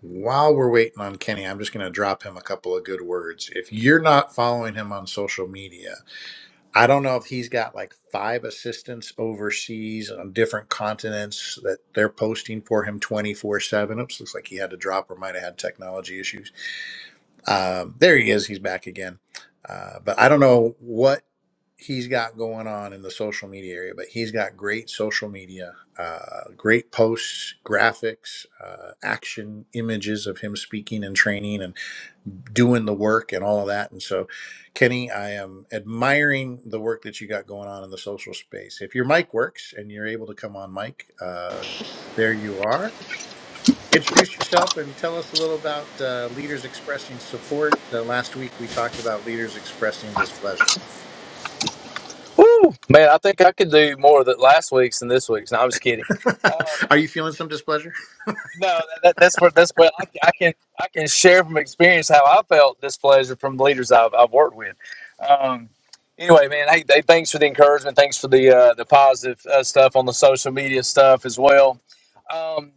While we're waiting on Kenny, I'm just going to drop him a couple of good words. If you're not following him on social media, I don't know if he's got like five assistants overseas on different continents that they're posting for him 24 7. Oops, looks like he had to drop or might have had technology issues. Um, there he is. He's back again. Uh, but I don't know what he's got going on in the social media area, but he's got great social media, uh, great posts, graphics, uh, action images of him speaking and training. and doing the work and all of that. And so, Kenny, I am admiring the work that you got going on in the social space. If your mic works and you're able to come on mic, uh, there you are. Introduce yourself and tell us a little about uh, leaders expressing support. Uh, last week we talked about leaders expressing displeasure. Woo! Man, I think I could do more than last week's and this week's. No, I'm just kidding. <laughs> Um, are you feeling some displeasure? no, that, that's for that's what I, I can I can share from experience how I felt displeasure from leaders I've, I've worked with. Um, anyway, man, hey, hey, thanks for the encouragement. Thanks for the uh, the positive uh, stuff on the social media stuff as well. Um,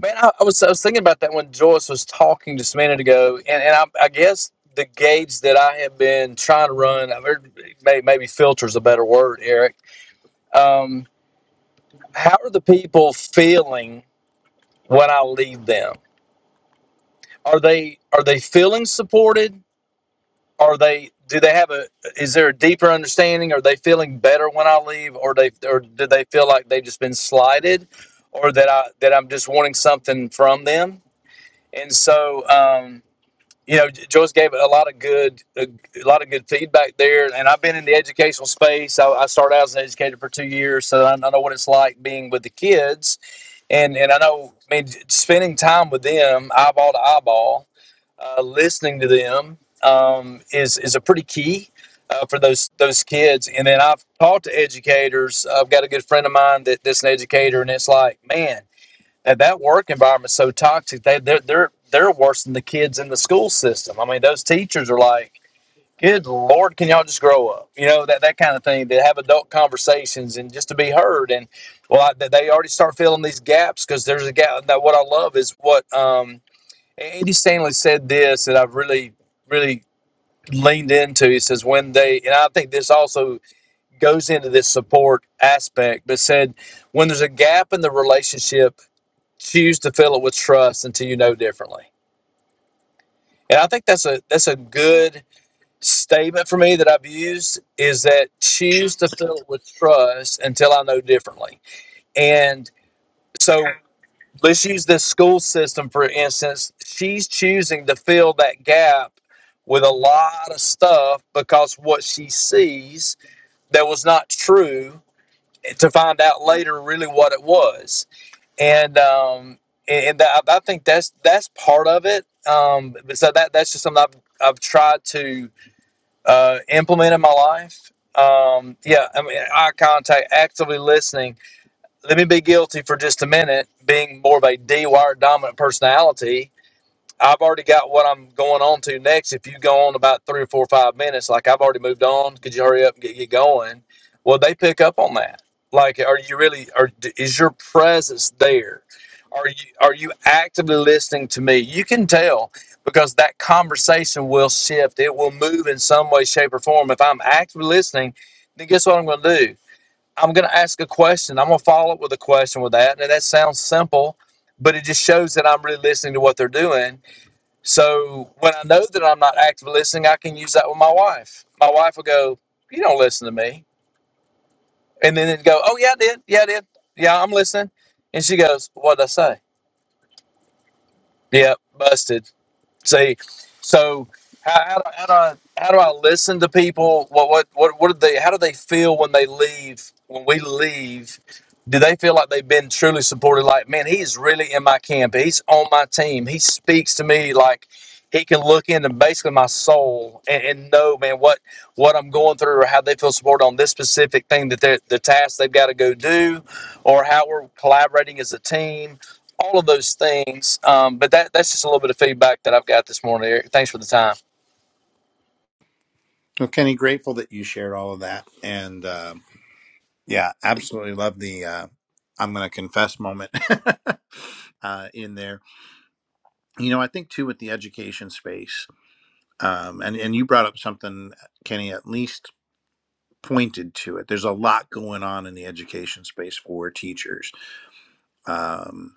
man, I, I was I was thinking about that when Joyce was talking just a minute ago, and, and I, I guess the gauge that I have been trying to run, I've heard may- maybe filters a better word, Eric Um, how are the people feeling when I leave them? Are they are they feeling supported? Are they do they have a is there a deeper understanding? Are they feeling better when I leave, or they or do they feel like they've just been slighted, or that I that I'm just wanting something from them? And so. Um, you know, Joyce gave a lot of good, a, a lot of good feedback there. And I've been in the educational space. I, I started out as an educator for two years, so I, I know what it's like being with the kids, and and I know, I mean, spending time with them, eyeball to eyeball, uh, listening to them um, is is a pretty key. Uh, for those those kids, and then I've talked to educators. I've got a good friend of mine that, that's an educator, and it's like, man, and that work environment's so toxic. They they're they're they're worse than the kids in the school system. I mean, those teachers are like, "Good Lord, can y'all just grow up?" You know that that kind of thing. To have adult conversations and just to be heard. And well, I, they already start filling these gaps because there's a gap. That what I love is what um, Andy Stanley said. This that I've really really leaned into. He says when they and I think this also goes into this support aspect, but said when there's a gap in the relationship choose to fill it with trust until you know differently. And I think that's a that's a good statement for me that I've used is that choose to fill it with trust until I know differently. And so let's use this school system for instance. She's choosing to fill that gap with a lot of stuff because what she sees that was not true to find out later really what it was and um and, that, I think that's that's part of it. Um, so that that's just something I've I've tried to uh, implement in my life. Um, yeah, I mean, eye contact, actively listening. Let me be guilty for just a minute, being more of a wired dominant personality I've already got what I'm going on to next. If you go on about three or four or five minutes, like I've already moved on, could you hurry up and get, get going? Well, they pick up on that. Like, are you really? Are is your presence there? Are you are you actively listening to me? You can tell because that conversation will shift. It will move in some way, shape, or form. If I'm actively listening, then guess what I'm going to do? I'm going to ask a question. I'm going to follow up with a question with that. And that sounds simple, but it just shows that I'm really listening to what they're doing so when I know that I'm not actively listening, I can use that with my wife. My wife will go, "You don't listen to me," and then it go, "Oh yeah, I did. Yeah, I did. Yeah, I'm listening." And she goes, what did I say?" Yeah, busted. See, so how, how, do, how, do I, how do I listen to people? What what what what do they? How do they feel when they leave? When we leave, do they feel like they've been truly supported? Like, man, he's really in my camp. He's on my team. He speaks to me like he can look into basically my soul and, and know, man, what what I'm going through or how they feel supported on this specific thing that they're the task they've got to go do, or how we're collaborating as a team all of those things. Um, but that that's just a little bit of feedback that I've got this morning, Eric. Thanks for the time. Well, Kenny, grateful that you shared all of that. And um yeah, absolutely love the uh, I'm going to confess moment <laughs> uh, in there you know i think too with the education space um, and and you brought up something kenny at least pointed to it there's a lot going on in the education space for teachers um,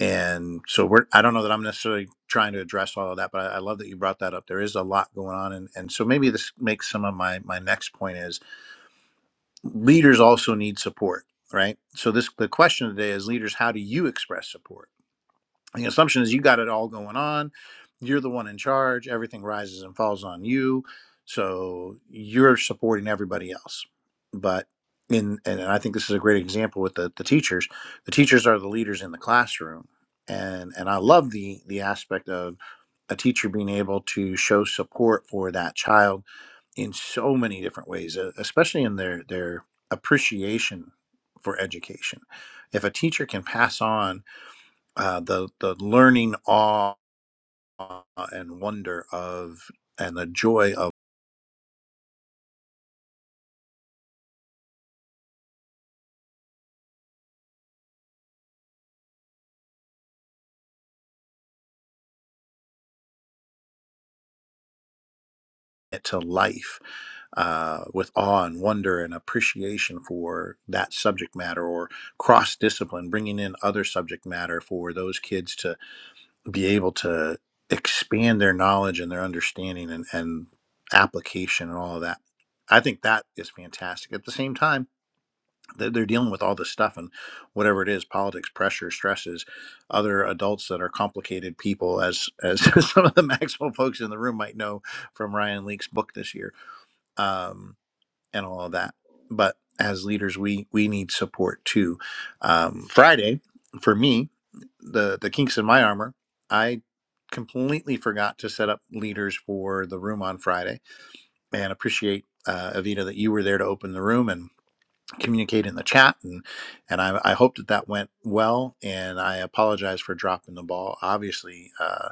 and so we're i don't know that i'm necessarily trying to address all of that but i, I love that you brought that up there is a lot going on and, and so maybe this makes some of my my next point is leaders also need support right so this the question today is leaders how do you express support the assumption is you got it all going on you're the one in charge everything rises and falls on you so you're supporting everybody else but in and i think this is a great example with the, the teachers the teachers are the leaders in the classroom and and i love the the aspect of a teacher being able to show support for that child in so many different ways e- especially in their their appreciation for education if a teacher can pass on uh, the the learning awe and wonder of and the joy of it to life uh, with awe and wonder and appreciation for that subject matter or cross discipline bringing in other subject matter for those kids to be able to expand their knowledge and their understanding and, and application and all of that i think that is fantastic at the same time they're, they're dealing with all this stuff and whatever it is politics pressure stresses other adults that are complicated people as as <laughs> some of the maxwell folks in the room might know from ryan leake's book this year um, and all of that but as leaders we we need support too um, friday for me the the kinks in my armor i completely forgot to set up leaders for the room on friday and appreciate uh, avita that you were there to open the room and communicate in the chat and and I, I hope that that went well and I apologize for dropping the ball obviously uh,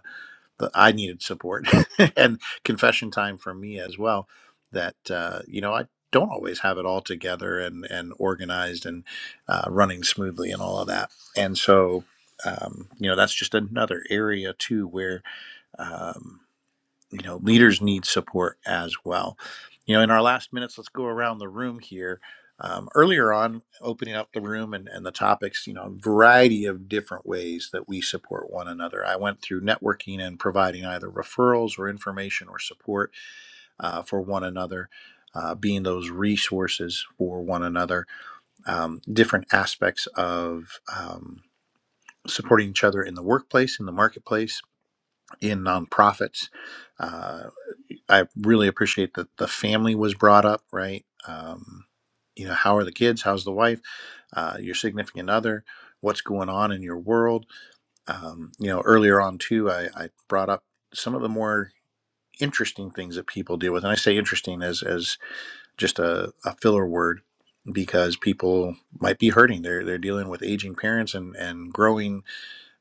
the, I needed support <laughs> and confession time for me as well that uh, you know I don't always have it all together and and organized and uh, running smoothly and all of that and so um, you know that's just another area too where Um, you know leaders need support as well you know in our last minutes let's go around the room here um, earlier on opening up the room and, and the topics you know a variety of different ways that we support one another i went through networking and providing either referrals or information or support uh, for one another uh, being those resources for one another um, different aspects of um, supporting each other in the workplace in the marketplace in nonprofits uh, I really appreciate that the family was brought up, right? Um, you know, how are the kids? How's the wife? Uh, your significant other? What's going on in your world? Um, you know, earlier on too, I, I brought up some of the more interesting things that people deal with, and I say interesting as as just a, a filler word because people might be hurting. They're they're dealing with aging parents and and growing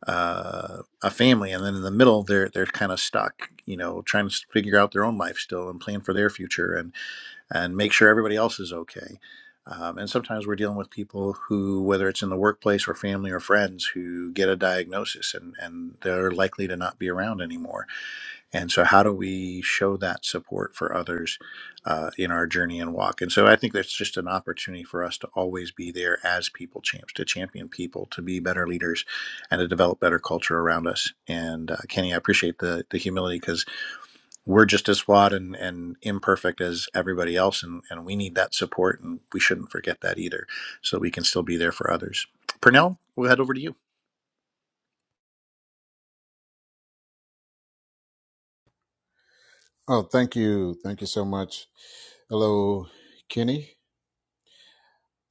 uh, a family, and then in the middle, they're they're kind of stuck, you know, trying to figure out their own life still and plan for their future and and make sure everybody else is okay. Um, and sometimes we're dealing with people who, whether it's in the workplace or family or friends, who get a diagnosis and and they're likely to not be around anymore and so, how do we show that support for others uh, in our journey and walk? And so, I think that's just an opportunity for us to always be there as people champs, to champion people, to be better leaders, and to develop better culture around us. And uh, Kenny, I appreciate the the humility because we're just as flawed and, and imperfect as everybody else, and, and we need that support, and we shouldn't forget that either, so we can still be there for others. Purnell, we'll head over to you. oh, thank you, thank you so much. Hello, Kenny.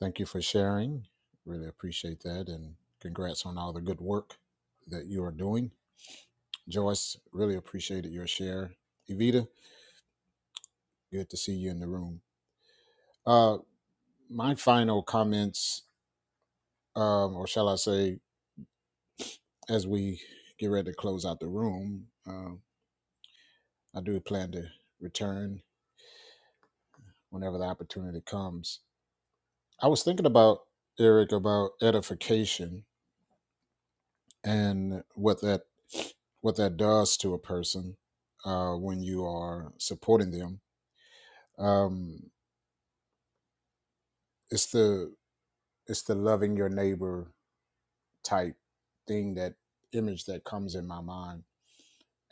Thank you for sharing. Really appreciate that, and congrats on all the good work that you are doing. Joyce, really appreciated your share. Evita, Good to see you in the room. Uh, my final comments, um, or shall I say, as we get ready to close out the room, uh, I do plan to return whenever the opportunity comes. I was thinking about Eric about edification and what that what that does to a person uh, when you are supporting them. Um, it's the it's the loving your neighbor type thing that image that comes in my mind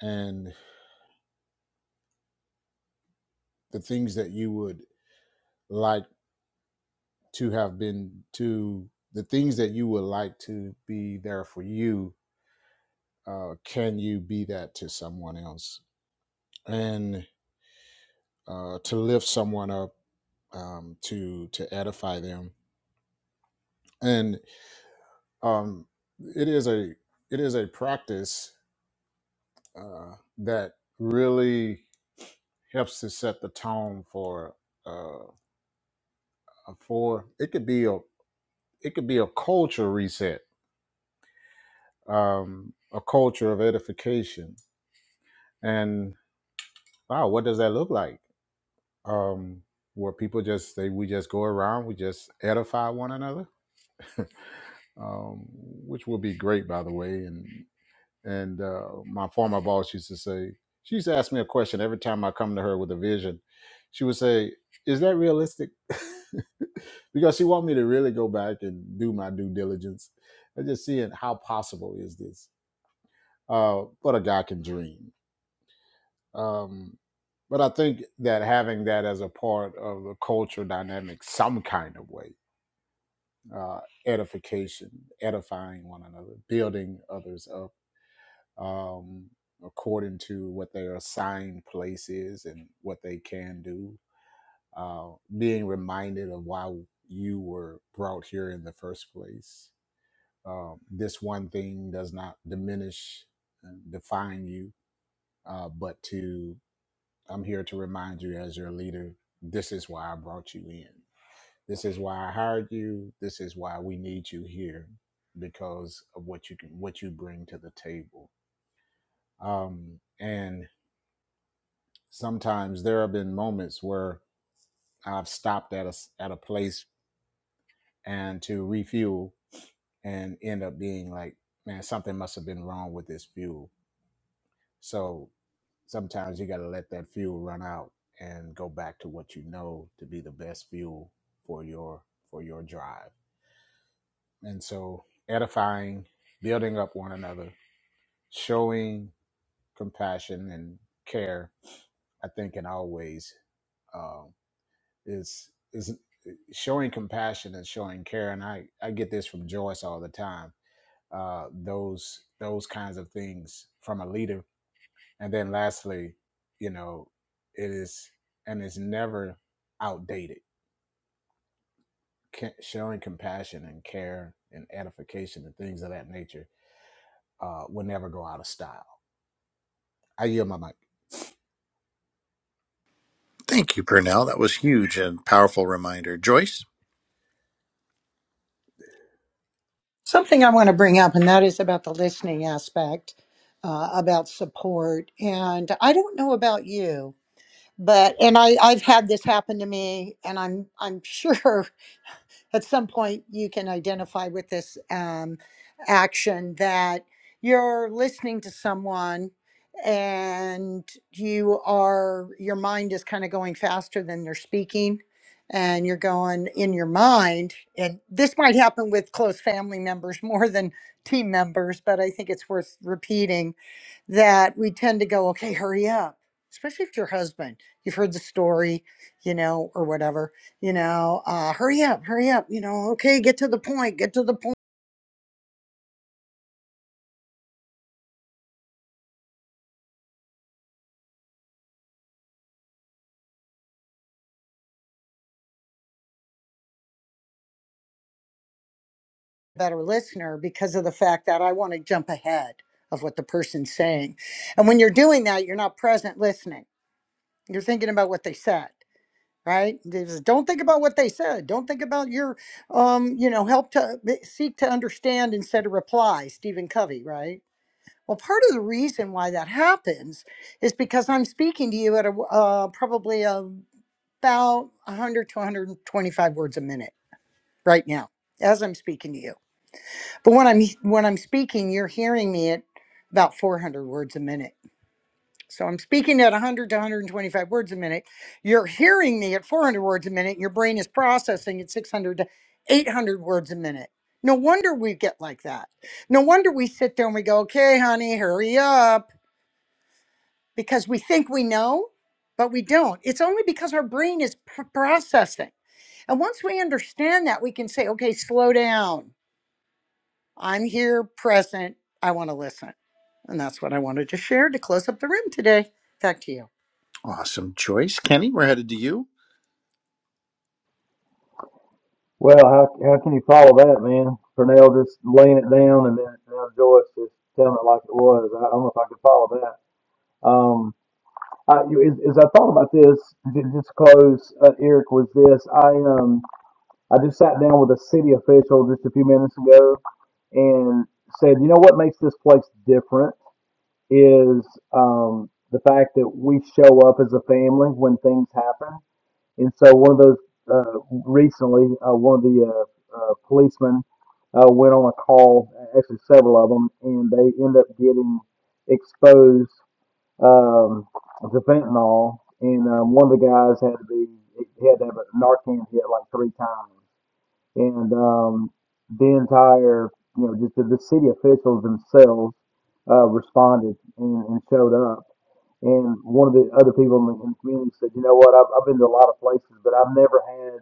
and. the things that you would like to have been to the things that you would like to be there for you uh, can you be that to someone else and uh, to lift someone up um, to to edify them and um, it is a it is a practice uh, that really helps to set the tone for uh, for it could be a it could be a culture reset um, a culture of edification. And wow, what does that look like? Um, where people just they we just go around, we just edify one another, <laughs> um, which will be great, by the way. And and uh, my former boss used to say, she used to ask me a question every time I come to her with a vision. She would say, "Is that realistic?" <laughs> because she want me to really go back and do my due diligence and just seeing how possible is this. Uh, but a guy can dream. Um, but I think that having that as a part of the culture dynamic, some kind of way, uh, edification, edifying one another, building others up um, according to what their assigned place is and what they can do, uh, being reminded of why you were brought here in the first place. Um, this one thing does not diminish and define you, uh, but to I'm here to remind you as your leader, this is why I brought you in. This is why I hired you. This is why we need you here because of what you can what you bring to the table. Um, and sometimes there have been moments where I've stopped at a s- at a place and to refuel and end up being like, man, something must have been wrong with this fuel So sometimes you got to let that fuel run out and go back to what you know to be the best fuel for your for your drive. And so edifying, building up one another, showing compassion and care, I think, in all ways um, is is showing compassion and showing care. And I I get this from Joyce all the time. Uh, those those kinds of things from a leader And then lastly, you know, it is and is never outdated. Ca- Showing compassion and care and edification and things of that nature uh, will never go out of style. I yield my mic. Thank you, Purnell. That was huge and powerful reminder. Joyce. Something I want to bring up, and that is about the listening aspect, uh, about support. And I don't know about you, but and I I've had this happen to me, and I'm I'm sure <laughs> at some point you can identify with this um, action that you're listening to someone and you are your mind is kind of going faster than they're speaking and you're going in your mind and this might happen with close family members <laughs> more than team members but i think it's worth repeating that we tend to go okay hurry up especially if you're husband you've heard the story you know or whatever you know, uh, hurry up, hurry up, you know, okay, get to the point, get to the point. Better listener because of the fact that I want to jump ahead of what the person's saying. And when you're doing that, you're not present listening. You're thinking about what they said, right? There's- Don't think about what they said. Don't think about your, um, you know, help to eh, seek to understand instead of reply, Stephen Covey, right? Well, part of the reason why that happens is because I'm speaking to you at a uh, probably a about 100 to 125 words a minute right now as I'm speaking to you. But when I'm when I'm speaking, you're hearing me at about 400 words a minute. So I'm speaking at 100 to 125 words a minute. You're hearing me at 400 words a minute. Your brain is processing at 600 to 800 words a minute. No wonder we get like that. No wonder we sit there and we go, "Okay, honey, hurry up," because we think we know, but we don't. It's only because our brain is pr- processing. And once we understand that, we can say, okay, slow down. I'm here, present. I want to listen. And that's what I wanted to share to close up the room today. Back to you. Awesome choice, Kenny. We're headed to you. Well, how how can you follow that, man? Purnell just laying it down, and then now Joyce just telling it like it was. I don't know if I could follow that. Um, I, you- as, as I thought about this, j- just close, uh, Eric, was this. I um I just sat down with a city official just a few minutes ago and said, you know what makes this place different? is um, the fact that we show up as a family when things happen. And so one of those uh, recently, uh, one of the uh, uh, policemen uh, went on a call, actually several of them, and they end up getting exposed um, to fentanyl. And um, one of the guys had to be he had to have a Narcan hit like three times and um, the entire, you know, just the, the city officials themselves uh, responded and, and showed up. And one of the other people in the, in the community said, you know what, I've, I've been to a lot of places, but I've never had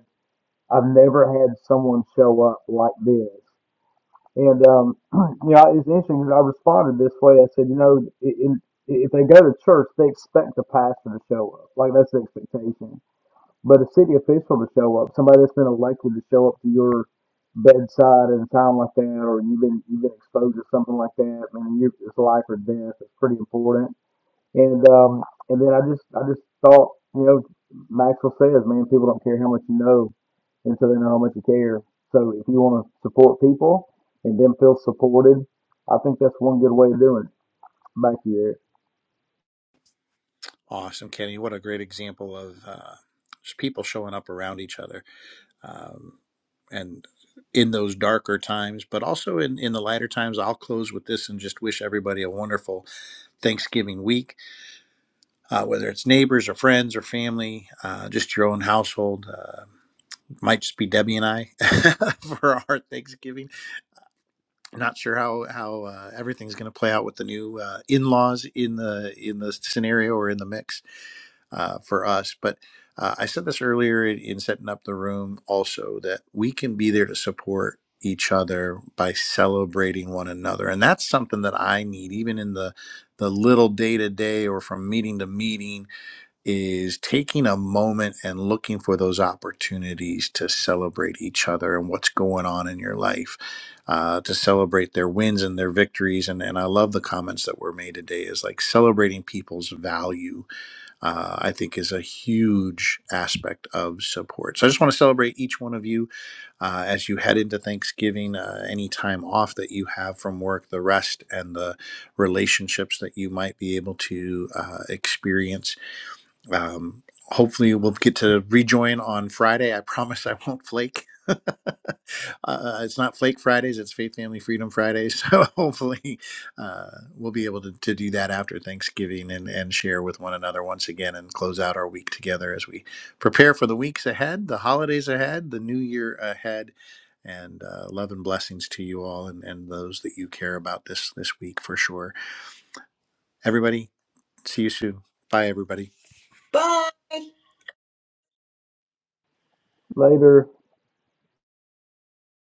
I've never had someone show up like this. And um, <clears throat> you know, it's interesting because I responded this way. I said, you know, in, if they go to church, they expect the pastor to show up. Like that's the expectation. But a city official to show up, somebody that's been elected to show up to your bedside at a time like that, or you've been you've been exposed to something like that, man, you, it's life or death. It's pretty important. And um, and then I just I just thought, you know, Maxwell says, man, people don't care how much you know until they know how much you care. So if you want to support people and then feel supported, I think that's one good way of doing it. Back to you, Eric. Awesome, Kenny. What a great example of uh, just people showing up around each other, um, and in those darker times, but also in in the lighter times. I'll close with this and just wish everybody a wonderful Thanksgiving week, uh, whether it's neighbors or friends or family, uh, just your own household. Uh, might just be Debbie and I <laughs> for our Thanksgiving. Not sure how how uh, everything's going to play out with the new uh, in laws in the in the scenario or in the mix uh, for us. But uh, I said this earlier in, in setting up the room also that we can be there to support each other by celebrating one another. And that's something that I need, even in the the little day to day or from meeting to meeting, is taking a moment and looking for those opportunities to celebrate each other and what's going on in your life, uh, to celebrate their wins and their victories. And, and I love the comments that were made today is like celebrating people's value uh, I think is a huge aspect of support. So I just want to celebrate each one of you uh, as you head into Thanksgiving, uh, any time off that you have from work, the rest and the relationships that you might be able to uh, experience um, hopefully, we'll get to rejoin on Friday. I promise I won't flake. <laughs> uh, it's not Flake Fridays, it's Faith Family Freedom Fridays. <laughs> So hopefully, uh, we'll be able to, to do that after Thanksgiving and, and share with one another once again and close out our week together as we prepare for the weeks ahead, the holidays ahead, the new year ahead. And uh, love and blessings to you all and, and those that you care about this this week for sure. Everybody, see you soon. Bye, everybody. Later.